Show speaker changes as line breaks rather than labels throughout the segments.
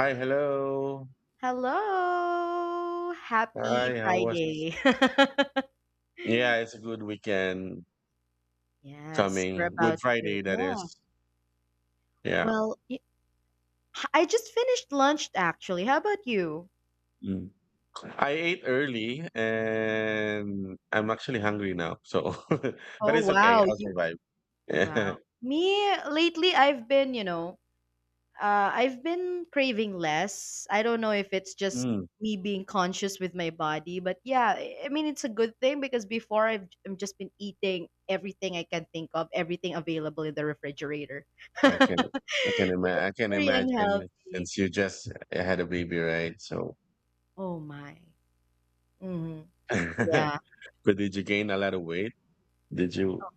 Hi, hello.
Hello. Happy
Hi, how was?
Friday.
Yeah, it's a good weekend
Yes, we're
coming. Good
about to.
Friday, that
Yeah.
is. Yeah.
Well, y- I just finished lunch actually. How about you?
Mm. I ate early and I'm actually hungry now. So, but
Oh,
it's okay.
wow.
I'll
You
survive.
wow. Me lately I've been, I've been craving less. I don't know if it's just
Mm,
me being conscious with my body, but I mean it's a good thing because before I've just been eating everything I can think of, everything available in the refrigerator.
I can, I can
Very
imagine. I can imagine
unhealthy.
since you just had a baby, right? So,
Oh my. Hmm. Yeah.
but did you gain a lot of weight? Did you?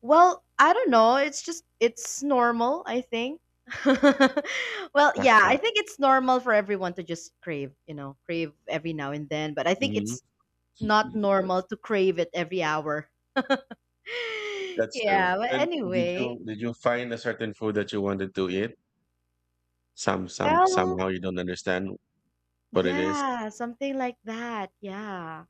Well, I don't know. It's normal, I think. I think it's normal for everyone to just crave, you know, crave every now and then, but I think
Mhm.
it's not normal to crave it every hour.
That's true.
yeah, but
And did
anyway,
you did you find a certain food that you wanted to eat?
well,
Somehow you don't understand what it is,
yeah, something like that. Yeah.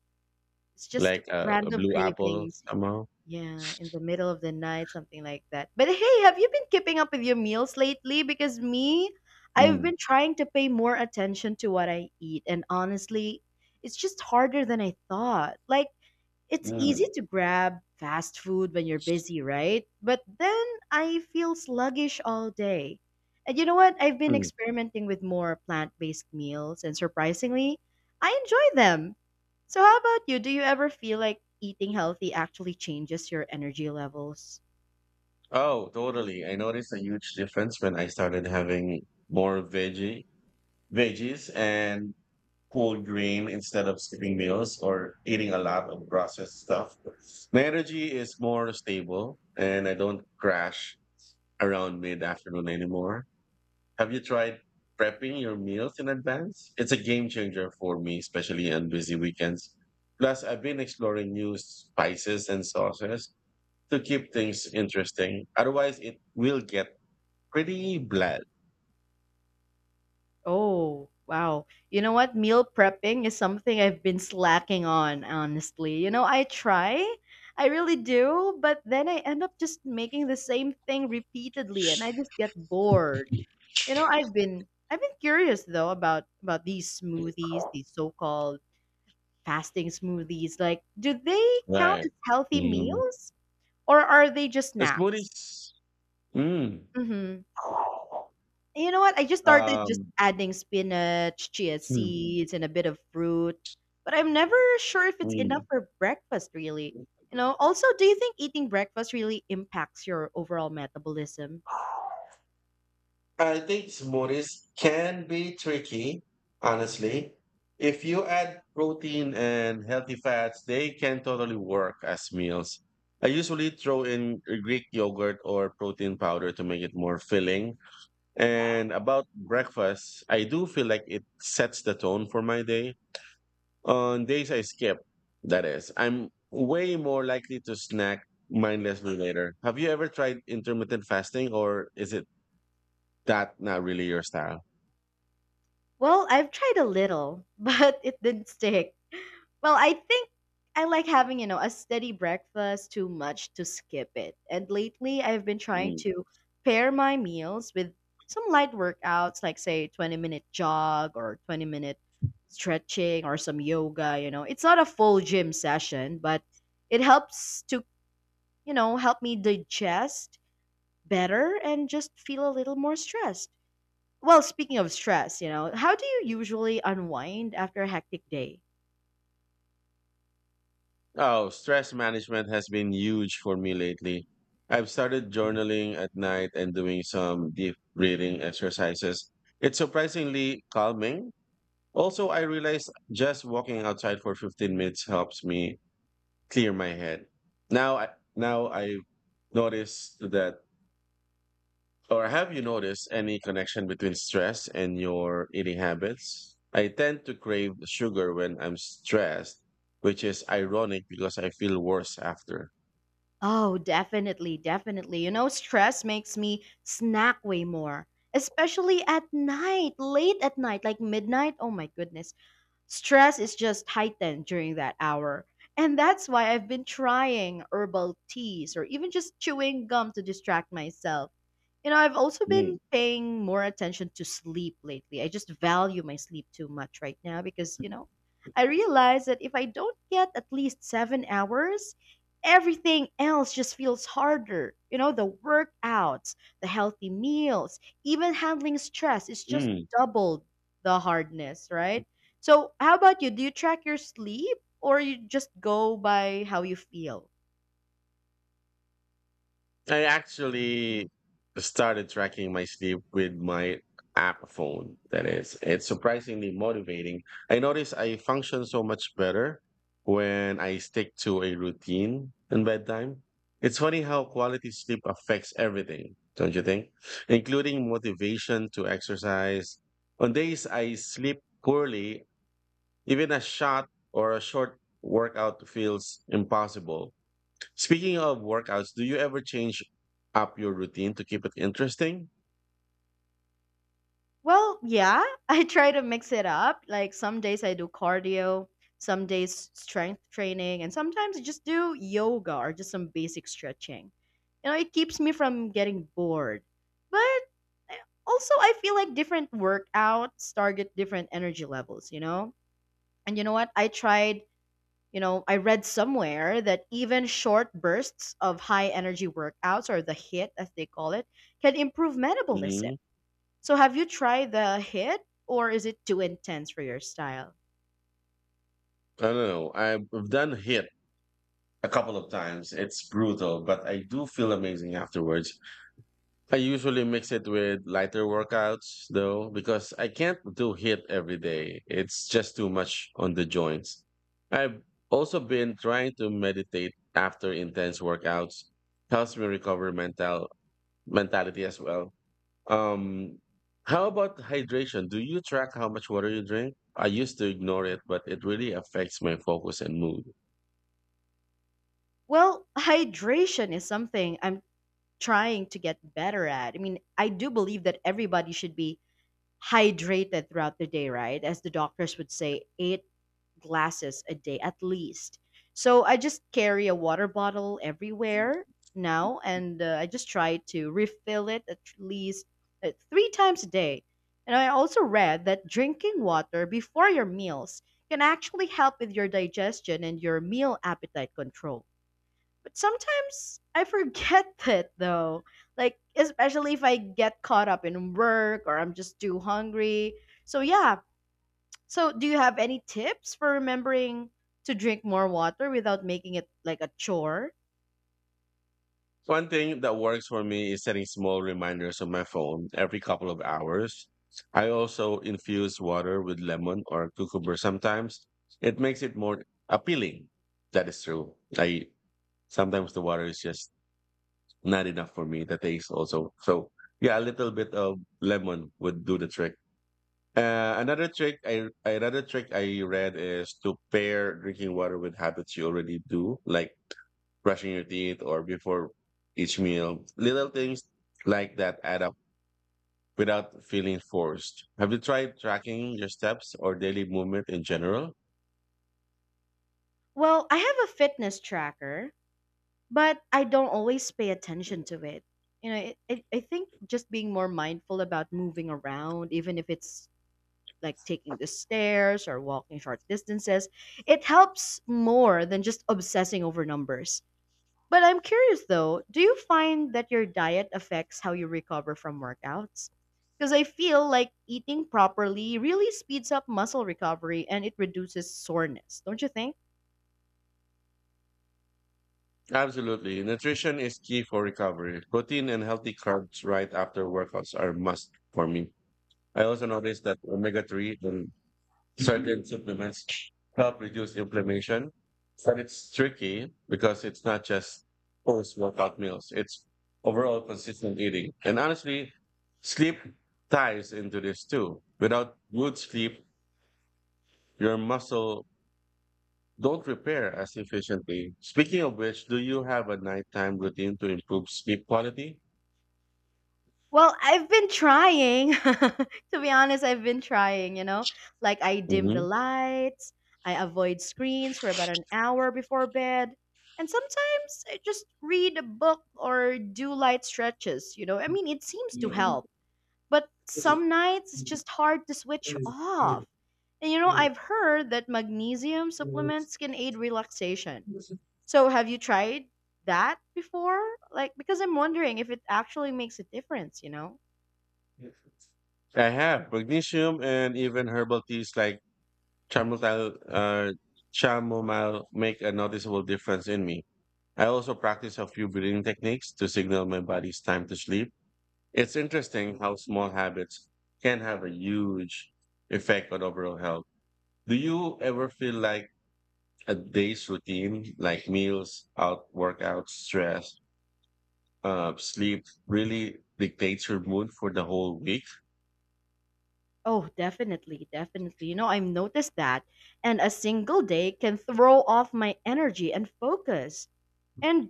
It's just
like a
random
blue apple
cravings.
somehow.
Yeah, in the middle of the night, something like that. But hey, have you been keeping up with your meals lately? Because me, I've
Mm.
been trying to pay more attention to what I eat, and honestly, it's just harder than I thought. Like, it's easy
Mm.
to grab fast food when you're busy, right? But then I feel sluggish all day. And you know what? I've been
Mm.
experimenting with more plant based meals, and surprisingly, I enjoy them. So, how about you? Do you ever feel like eating healthy actually changes your energy levels?
Oh, totally. I noticed a huge difference when I started having more veggie veggies and whole grain instead of skipping meals or eating a lot of processed stuff. My energy is more stable, and I don't crash around mid afternoon anymore. Have you tried prepping your meals in advance? It's a game changer for me, especially on busy weekends. Plus, I've been exploring new spices and sauces to keep things interesting. Otherwise, it will get pretty bland.
Oh, wow. You know what? Meal prepping is something I've been slacking on, honestly. You know, I try, I really do, but then I end up just making the same thing repeatedly and I just get bored. You know, I've been curious though about these smoothies, these so-called fasting smoothies. Like, do they count
Right.
as healthy
Mm.
meals or are they just
The
snacks?
smoothies. Mm.
Mhm. You know what? I just started just
Um,
adding spinach, chia
hmm,
seeds, and a bit of fruit, but I'm never sure if it's enough
mm.
for breakfast, really. You know, also, do you think eating breakfast really impacts your overall metabolism?
I think smoothies can be tricky, honestly. If you add protein and healthy fats, they can totally work as meals. I usually throw in Greek yogurt or protein powder to make it more filling. And about breakfast, I do feel like it sets the tone for my day. On days I skip, that is, I'm way more likely to snack mindlessly later. Have you ever tried intermittent fasting, or is it that not really your style?
Well, I've tried a little, but it didn't stick. Well, I think I like having, you know, a steady breakfast too much to skip it. And lately, I've been trying
Mm.
to pair my meals with some light workouts, like, say, 20-minute jog or 20-minute stretching or some yoga, you know. It's not a full gym session, but it helps to, you know, help me digest better and just feel a little more stressed. Well, speaking of stress, you know, how do you usually unwind after a hectic day?
Oh, stress management has been huge for me lately. I've started journaling at night and doing some deep breathing exercises. It's surprisingly calming. Also, I realized just walking outside for 15 minutes helps me clear my head. Now I now I noticed that Or have you noticed any connection between stress and your eating habits? I tend to crave sugar when I'm stressed, which is ironic because I feel worse after.
Oh, definitely, definitely. You know, stress makes me snack way more, especially at night, late at night, like midnight. Oh my goodness. Stress is just heightened during that hour. And that's why I've been trying herbal teas or even just chewing gum to distract myself. You know, I've also
Mm,
been paying more attention to sleep lately. I just value my sleep too much right now because, you know, I realize that if I don't get at least 7 hours, everything else just feels harder. You know, the workouts, the healthy meals, even handling stress is just
mm.
doubled the hardness, right? So, how about you? Do you track your sleep or you just go by how you feel?
I actually started tracking my sleep with my app phone. That is, it's surprisingly motivating. I notice I function so much better when I stick to a routine and bedtime. It's funny how quality sleep affects everything, don't you think? Including motivation to exercise. On days I sleep poorly, even a shot or a short workout feels impossible. Speaking of workouts, do you ever change up your routine to keep it interesting?
Well, yeah, I try to mix it up. Like some days I do cardio, some days strength training, and sometimes I just do yoga or just some basic stretching. You know, it keeps me from getting bored. But I- Also, I feel like different workouts target different energy levels, you know? And you know what? I tried, you know, I read somewhere that even short bursts of high energy workouts or the HIT, as they call it, can improve metabolism.
hmm
So have you tried the HIIT or is it too intense for your style?
I don't know. I've done HIIT a couple of times. It's brutal, but I do feel amazing afterwards. I usually mix it with lighter workouts though, because I can't do HIIT every day. It's just too much on the joints. I've also been trying to meditate after intense workouts. Helps me recover mentality as well. Um, how about hydration? Do you track how much water you drink? I used to ignore it, but it really affects my focus and mood.
Well, hydration is something I'm trying to get better at. I mean, I do believe that everybody should be hydrated throughout the day, right? As the doctors would say, 8 glasses a day at least. So I just carry a water bottle everywhere now, and I just try to refill it at least 3 times a day. And I also read that drinking water before your meals can actually help with your digestion and your meal appetite control. But sometimes I forget it though. Like, especially if I get caught up in work or I'm just too hungry. So, yeah. So, do you have any tips for remembering to drink more water without making it like a chore?
One thing that works for me is setting small reminders on my phone every couple of hours. I also infuse water with lemon or cucumber sometimes. It makes it more appealing. That is true. I Sometimes the water is just not enough for me. The taste also. So yeah, a little bit of lemon would do the trick. Another trick I read is to pair drinking water with habits you already do, like brushing your teeth or before each meal. Little things like that add up without feeling forced. Have you tried tracking your steps or daily movement in general?
Well, I have a fitness tracker, but I don't always pay attention to it. You know, I think just being more mindful about moving around, even if it's like taking the stairs or walking short distances. It helps more than just obsessing over numbers. But I'm curious though, do you find that your diet affects how you recover from workouts? Because I feel like eating properly really speeds up muscle recovery and it reduces soreness, don't you think?
Absolutely. Nutrition is key for recovery. Protein and healthy carbs right after workouts are must for me. I also noticed that omega 3 and certain supplements help reduce inflammation. But it's tricky because it's not just post workout meals, it's overall consistent eating. And honestly, sleep ties into this too. Without good sleep, your muscle don't repair as efficiently. Speaking of which, do you have a nighttime routine to improve sleep quality?
Well, I've been trying. To be honest, I've been trying, you know? Like, I dim the
hmm
lights, I avoid screens for about an hour before bed, and sometimes I just read a book or do light stretches, you know? I mean, it seems to help. But some nights it's just hard to switch off. And, you know, I've heard that magnesium supplements can aid relaxation. So, have you tried that before? Like, because I'm wondering if it actually makes a difference, you know?
I have magnesium and even herbal teas like chamomile, uh, chamomile make a noticeable difference in me. I also practice a few breathing techniques to signal my body's time to sleep. It's interesting how small habits can have a huge effect on overall health. Do you ever feel like a day's routine, like meals, out workouts, stress, sleep, really dictates your mood for the whole week?
Oh, definitely, definitely. You know, I've noticed that. And a single day can throw off my energy and focus. And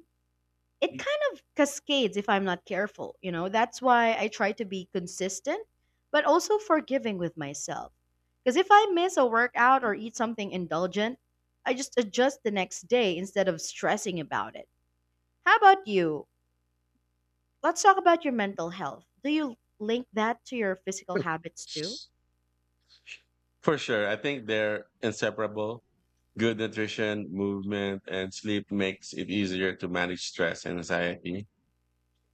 it kind of cascades if I'm not careful. You know, that's why I try to be consistent, but also forgiving with myself. Because if I miss a workout or eat something indulgent, I just adjust the next day instead of stressing about it. How about you? Let's talk about your mental health. Do you link that to your physical habits too?
For sure. I think they're inseparable. Good nutrition, movement, and sleep makes it easier to manage stress and anxiety.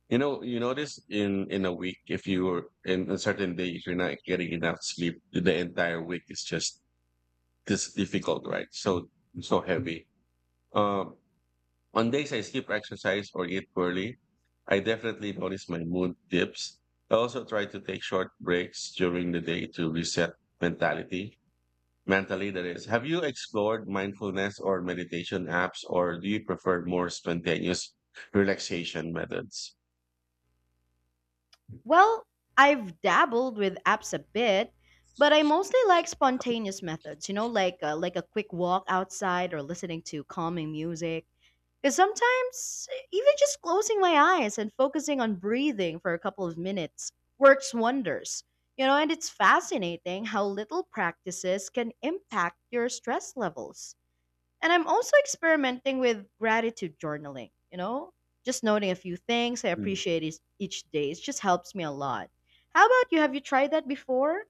You know, you notice in a week if you are in a certain day if you're not getting enough sleep, the entire week is just this difficult, right? So heavy. Um, on days I skip exercise or eat poorly, I definitely notice my mood dips. I also try to take short breaks during the day to reset mentality mentally, that is. Have you explored mindfulness or meditation apps, or do you prefer more spontaneous relaxation methods?
Well, I've dabbled with apps a bit, but I mostly like spontaneous methods, you know, like a quick walk outside or listening to calming music. Because sometimes even just closing my eyes and focusing on breathing for a couple of minutes works wonders. You know, and it's fascinating how little practices can impact your stress levels. And I'm also experimenting with gratitude journaling, you know, just noting a few things I
Mm.
appreciate each day. It just helps me a lot. How about you? Have you tried that before?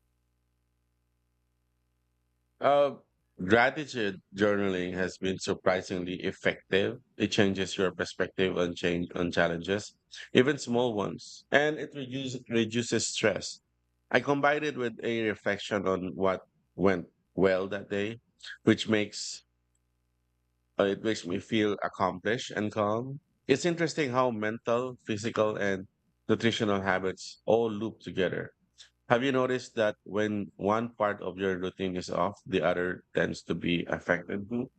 Uh, Gratitude journaling has been surprisingly effective. It changes your perspective on change on challenges, even small ones, and it reduces stress. I combined it with a reflection on what went well that day, which makes It makes me feel accomplished and calm. It's interesting how mental, physical, and nutritional habits all loop together. Have you noticed that when one part of your routine is off, the other tends to be affected too?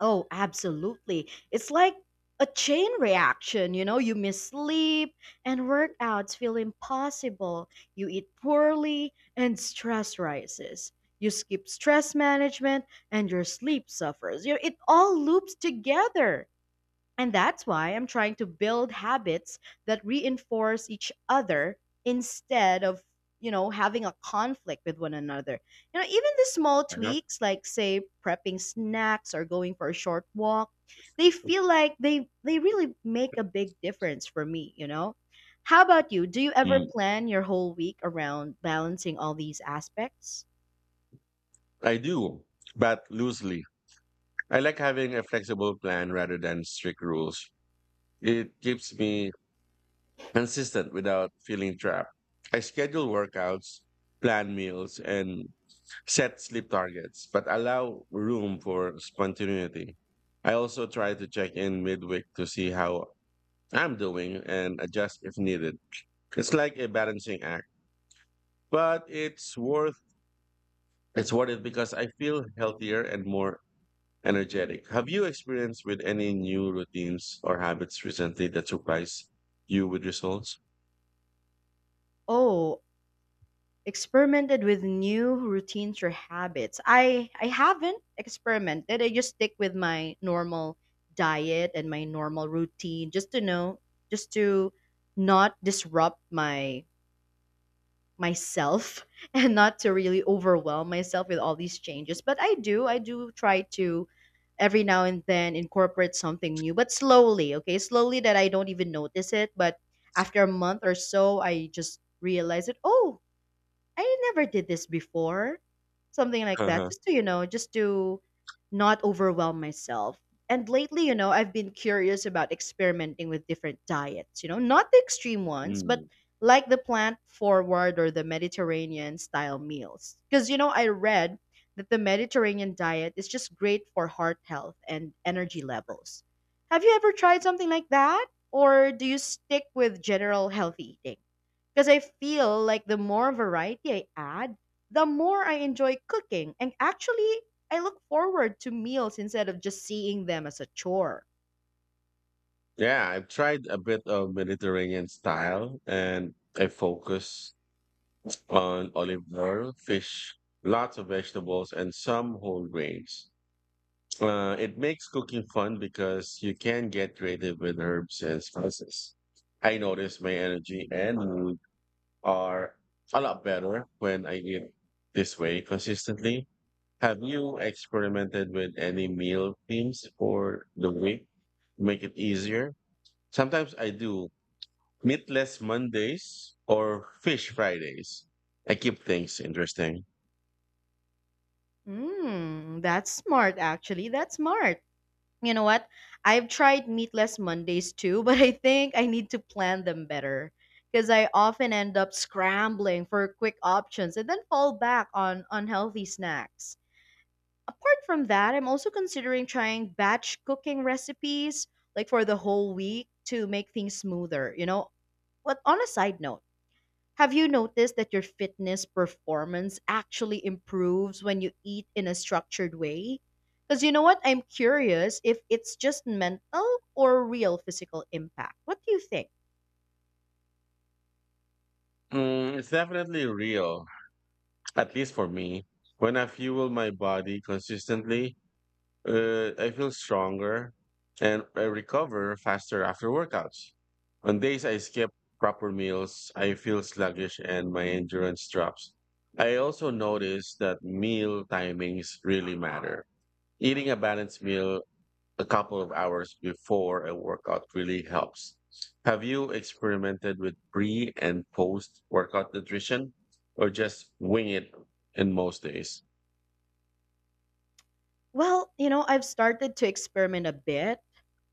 Oh, absolutely. It's like a chain reaction, you know, you miss sleep and workouts feel impossible. You eat poorly and stress rises. You skip stress management and your sleep suffers. You know, it all loops together. And that's why I'm trying to build habits that reinforce each other instead of, you know, having a conflict with one another. You know, even the small
Uh-huh.
tweaks like say prepping snacks or going for a short walk, they feel like they really make a big difference for me, you know? How about you? Do you ever
Mm,
plan your whole week around balancing all these aspects?
I do, but loosely. I like having a flexible plan rather than strict rules. It keeps me consistent without feeling trapped. I schedule workouts, plan meals, and set sleep targets, but allow room for spontaneity. I also try to check in midweek to see how I'm doing and adjust if needed. It's like a balancing act, but it's worth it because I feel healthier and more energetic. Have you experienced with any new routines or habits recently that surprised you with results?
Oh, experimented with new routines or habits. I haven't experimented. I just stick with my normal diet and my normal routine just to not disrupt my myself and not to really overwhelm myself with all these changes. But I do try to every now and then incorporate something new, but slowly, okay? Slowly that I don't even notice it, but after a month or so I just realize that oh I never did this before. Something like that.
Uh-huh.
Just to, you know, just to not overwhelm myself. And lately, you know, I've been curious about experimenting with different diets, you know, not the extreme ones, but
Mm.
like the plant forward or the Mediterranean style meals. Because, you know, I read that the Mediterranean diet is just great for heart health and energy levels. Have you ever tried something like that? Or do you stick with general healthy eating? Because I feel like the more variety I add, the more I enjoy cooking. And actually, I look forward to meals instead of just seeing them as a chore.
Yeah, I've tried a bit of Mediterranean style and I focus on olive oil, fish, lots of vegetables, and some whole grains. It makes cooking fun because you can get creative with herbs and spices. I notice my energy and mood are a lot better when I eat this way consistently. Have you experimented with any meal themes for the week to make it easier? Sometimes I do meatless Mondays or fish Fridays. I keep things interesting.
Mm, that's smart, actually. That's smart. You know what? I've tried meatless Mondays too, but I think I need to plan them better because I often end up scrambling for quick options and then fall back on unhealthy snacks. Apart from that, I'm also considering trying batch cooking recipes like for the whole week to make things smoother, you know? But on a side note, have you noticed that your fitness performance actually improves when you eat in a structured way? Because you know what? I'm curious if it's just mental or real physical impact. What do you think?
It's definitely real, at least for me. When I fuel my body consistently, I feel stronger and I recover faster after workouts. On days I skip proper meals, I feel sluggish and my endurance drops. I also notice that meal timings really matter. Eating a balanced meal a couple of hours before a workout really helps. Have you experimented with pre and post workout nutrition or just wing it in most days?
Well, you know, I've started to experiment a bit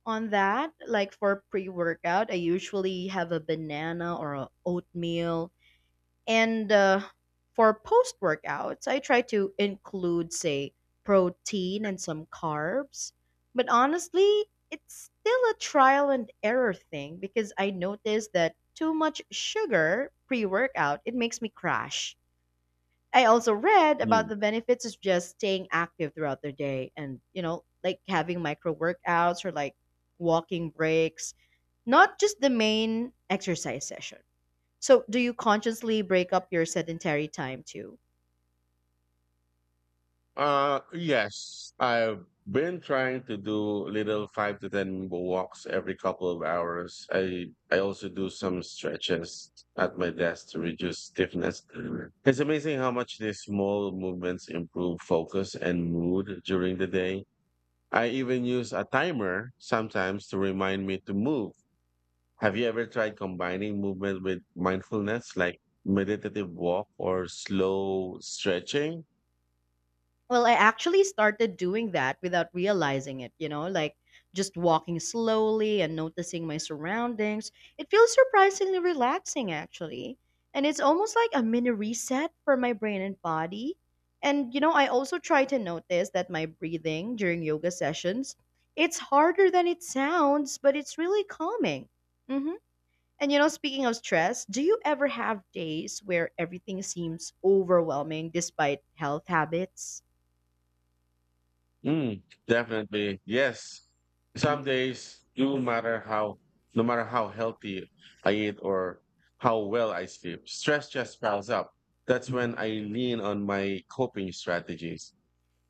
on that. Like for pre workout, I usually have a banana or a oatmeal. And For post workouts, I try to include, say, protein and some carbs. But honestly, it's still a trial and error thing because I noticed that too much sugar pre workout, it makes me crash. I also read about
Hmm.
the benefits of just staying active throughout the day and, you know, like having micro workouts or like walking breaks, not just the main exercise session. So, do you consciously break up your sedentary time too?
Yes, I've been trying to do little five to 10 walks every couple of hours. I also do some stretches at my desk to reduce stiffness. It's amazing how much these small movements improve focus and mood during the day. I even use a timer sometimes to remind me to move. Have you ever tried combining movement with mindfulness, like meditative walk or slow stretching?
Well, I actually started doing that without realizing it, you know, like just walking slowly and noticing my surroundings. It feels surprisingly relaxing, actually. And it's almost like a mini reset for my brain and body. And, you know, I also try to notice that my breathing during yoga sessions, it's harder than it sounds, but it's really calming. Mhm. And you know, speaking of stress, do you ever have days where everything seems overwhelming despite health habits?
Mm, Definitely. Yes. Some days, no matter how healthy I eat or how well I sleep, stress just piles up. That's when I lean on my coping strategies.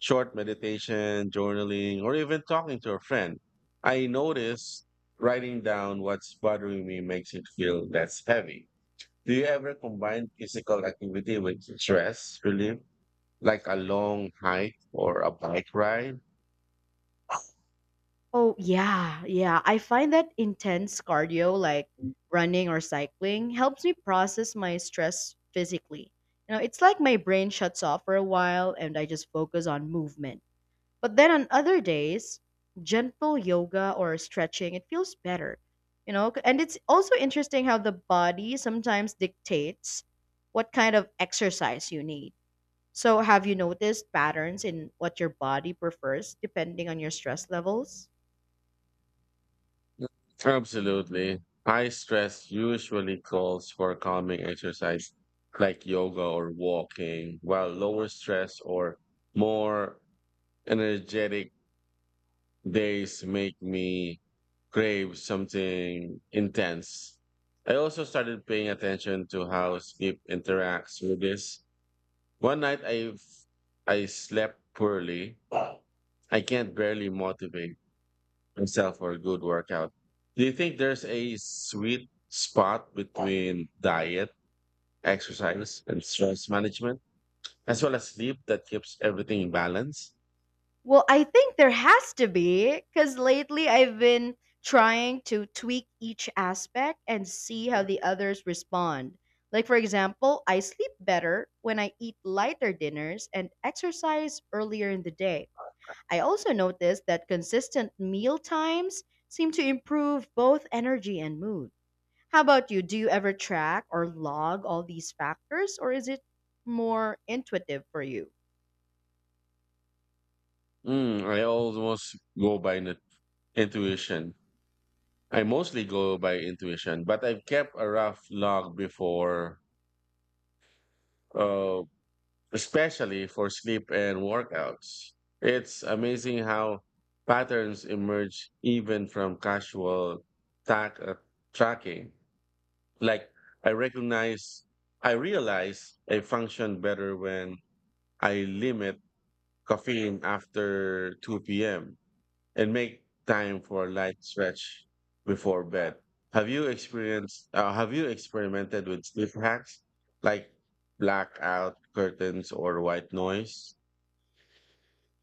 Short meditation, journaling, or even talking to a friend. I notice writing down what's bothering me makes it feel less heavy. Do you ever combine physical activity with stress relief, like a long hike or a bike ride?
Oh, yeah. I find that intense cardio, like running or cycling, helps me process my stress physically. You know, it's like my brain shuts off for a while and I just focus on movement. But then on other days, gentle yoga or stretching, it feels better, you know? And it's also interesting how the body sometimes dictates what kind of exercise you need. So, have you noticed patterns in what your body prefers depending on your stress levels?
Absolutely. High stress usually calls for calming exercise like yoga or walking, while lower stress or more energetic days make me crave something intense. I also started paying attention to how sleep interacts with this. One night I slept poorly. I can't barely motivate myself for a good workout. Do you think there's a sweet spot between diet, exercise, and stress management, as well as sleep that keeps everything in balance?
Well, I think there has to be because lately I've been trying to tweak each aspect and see how the others respond. Like, for example, I sleep better when I eat lighter dinners and exercise earlier in the day. I also noticed that consistent meal times seem to improve both energy and mood. How about you? Do you ever track or log all these factors, or is it more intuitive for you?
I almost go by intuition. I mostly go by intuition, but I've kept a rough log before, uh, especially for sleep and workouts. It's amazing how patterns emerge even from casual tack, uh, tracking. Like I recognize, I realize I function better when I limit caffeine after 2 p.m. and make time for a light stretch before bed. Have you experienced? Have you experimented with sleep hacks like blackout curtains or white noise?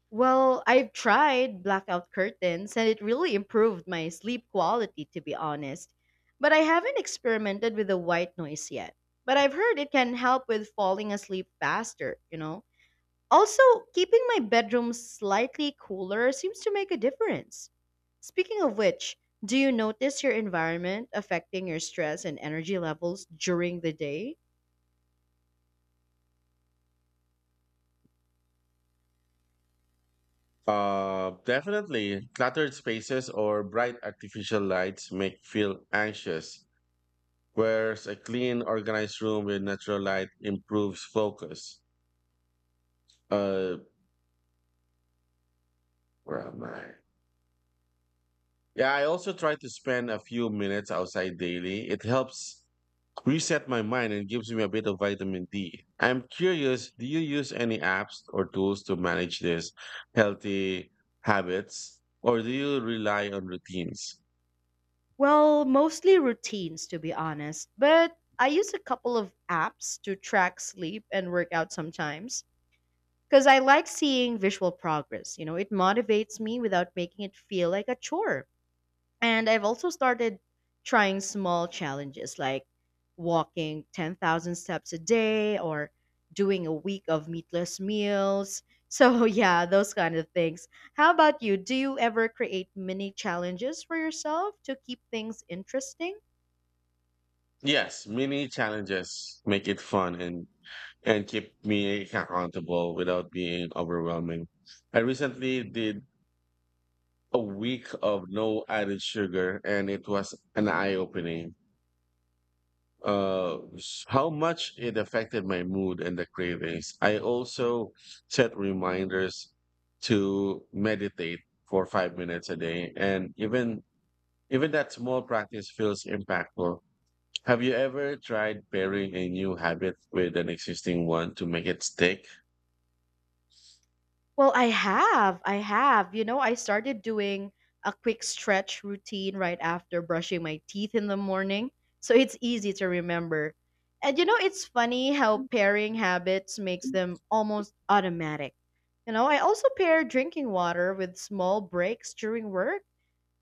Well, I've tried blackout curtains and it really improved my sleep quality, to be honest. But I haven't experimented with the white noise yet. But I've heard it can help with falling asleep faster, you know? Also, keeping my bedroom slightly cooler seems to make a difference. Speaking of which, do you notice your environment affecting your stress and energy levels during the day?
Definitely. Cluttered spaces or bright artificial lights make feel anxious, whereas a clean, organized room with natural light improves focus. Uh, where am I? Yeah, I also try to spend a few minutes outside daily. It helps reset my mind and gives me a bit of vitamin D. I'm curious, do you use any apps or tools to manage these healthy habits, or do you rely on routines?
Well, mostly routines, to be honest. But I use a couple of apps to track sleep and workout sometimes because I like seeing visual progress. You know, it motivates me without making it feel like a chore. And I've also started trying small challenges like walking 10,000 steps a day or doing a week of meatless meals. So, yeah, those kind of things. How about you? Do you ever create mini challenges for yourself to keep things interesting?
Yes, mini challenges make it fun and keep me accountable without being overwhelming. I recently did a week of no added sugar, and it was an eye opening. How much it affected my mood and the cravings. I also set reminders to meditate for 5 minutes a day, and even that small practice feels impactful. Have you ever tried pairing a new habit with an existing one to make it stick?
Well, I have. You know, I started doing a quick stretch routine right after brushing my teeth in the morning. So it's easy to remember. And you know, it's funny how pairing habits makes them almost automatic. You know, I also pair drinking water with small breaks during work,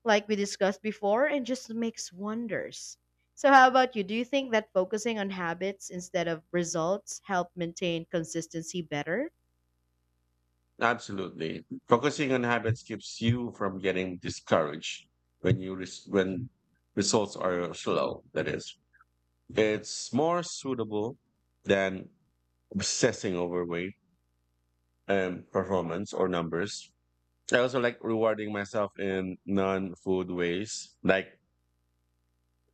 like we discussed before, and just makes wonders. So how about you? Do you think that focusing on habits instead of results help maintain consistency better?
Absolutely. Focusing on habits keeps you from getting discouraged when results are slow. That is, it's more suitable than obsessing over weight and performance or numbers. I also like rewarding myself in non-food ways, like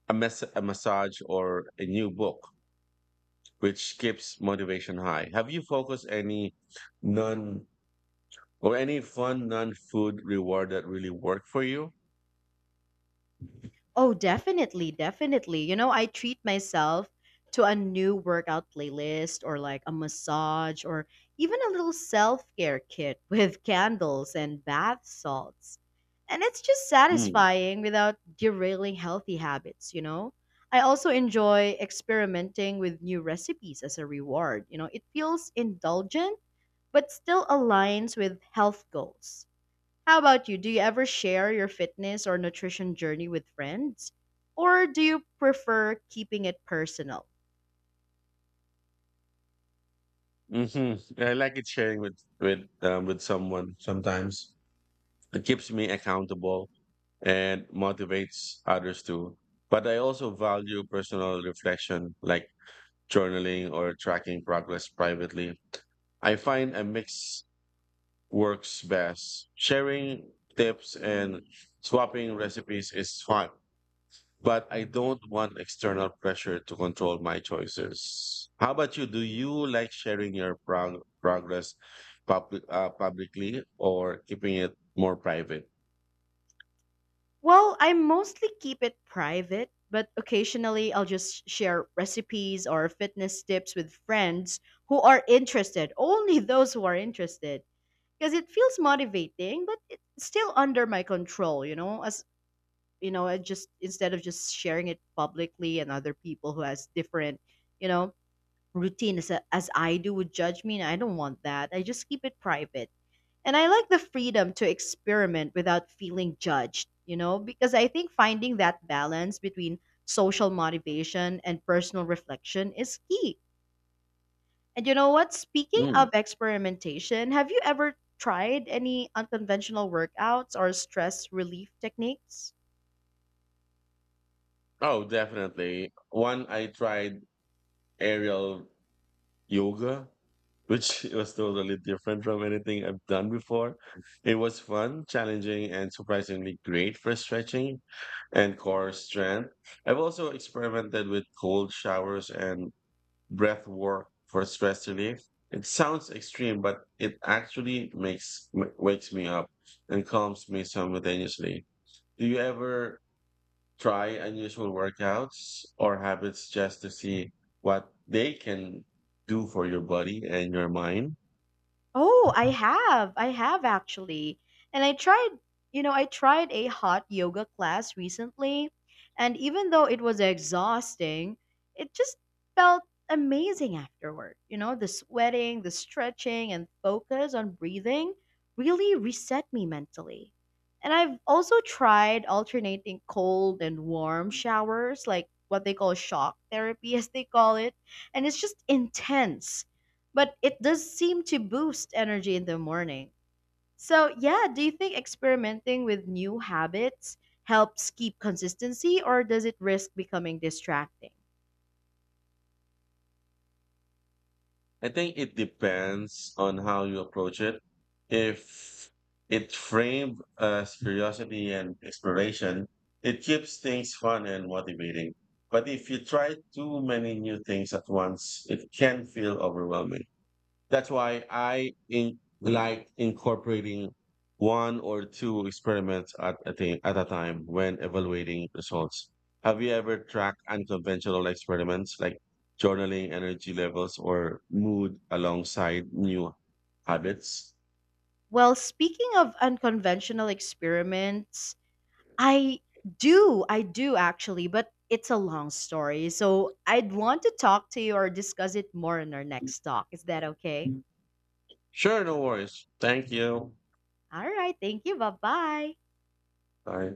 a massage or a new book, which keeps motivation high. Have you focused any non Or any fun non-food reward that really worked for you?
Oh, definitely. You know, I treat myself to a new workout playlist or like a massage or even a little self care kit with candles and bath salts. And it's just
Mm.
satisfying without derailing healthy habits, you know? I also enjoy experimenting with new recipes as a reward. You know, it feels indulgent, but still aligns with health goals. How about you? Do you ever share your fitness or nutrition journey with friends? Or do you prefer keeping it personal?
hmm I like it sharing with someone sometimes. It keeps me accountable and motivates others too. But I also value personal reflection, like journaling or tracking progress privately. I find a mix works best. Sharing tips and swapping recipes is fun, but I don't want external pressure to control my choices. How about you? Do you like sharing your progress publicly or keeping it more private?
Well, I mostly keep it private, but occasionally I'll just share recipes or fitness tips with friends who are interested, only those who are interested, because it feels motivating, but it's still under my control, you know, as you know, I just instead of just sharing it publicly and other people who has different, you know, routine as, as I do would judge me, and I don't want that. I just keep it private. And I like the freedom to experiment without feeling judged, you know, because I think finding that balance between social motivation and personal reflection is key. And you know what? Speaking
Mm.
of experimentation, have you ever tried any unconventional workouts or stress relief techniques?
Oh, definitely. One, I tried aerial yoga which was totally different from anything I've done before. It was fun, challenging, and surprisingly great for stretching and core strength. I've also experimented with cold showers and breath work for stress relief. It sounds extreme, but it actually wakes me up and calms me simultaneously. Do you ever try unusual workouts or habits just to see what they can do for your body and your mind?
Oh, I have. I have actually. And I tried a hot yoga class recently, and even though it was exhausting, it just felt amazing afterward. You know, the sweating, the stretching, and focus on breathing really reset me mentally. And I've also tried alternating cold and warm showers, like what they call shock therapy, as they call it. And it's just intense but it does seem to boost energy in the morning. So, yeah, do you think experimenting with new habits helps keep consistency or does it risk becoming distracting?
I think it depends on how you approach it. If it's framed as curiosity and exploration, it keeps things fun and motivating. But if you try too many new things at once, it can feel overwhelming. That's why like incorporating one or two experiments at a time when evaluating results. Have you ever tracked unconventional experiments like journaling energy levels or mood alongside new habits?
Well, speaking of unconventional experiments, I I do actually, but it's a long story. So, I'd want to talk to you or discuss it more in our next talk. Is that okay?
Sure, no worries. Thank you.
All right, thank you. Bye bye.
Bye.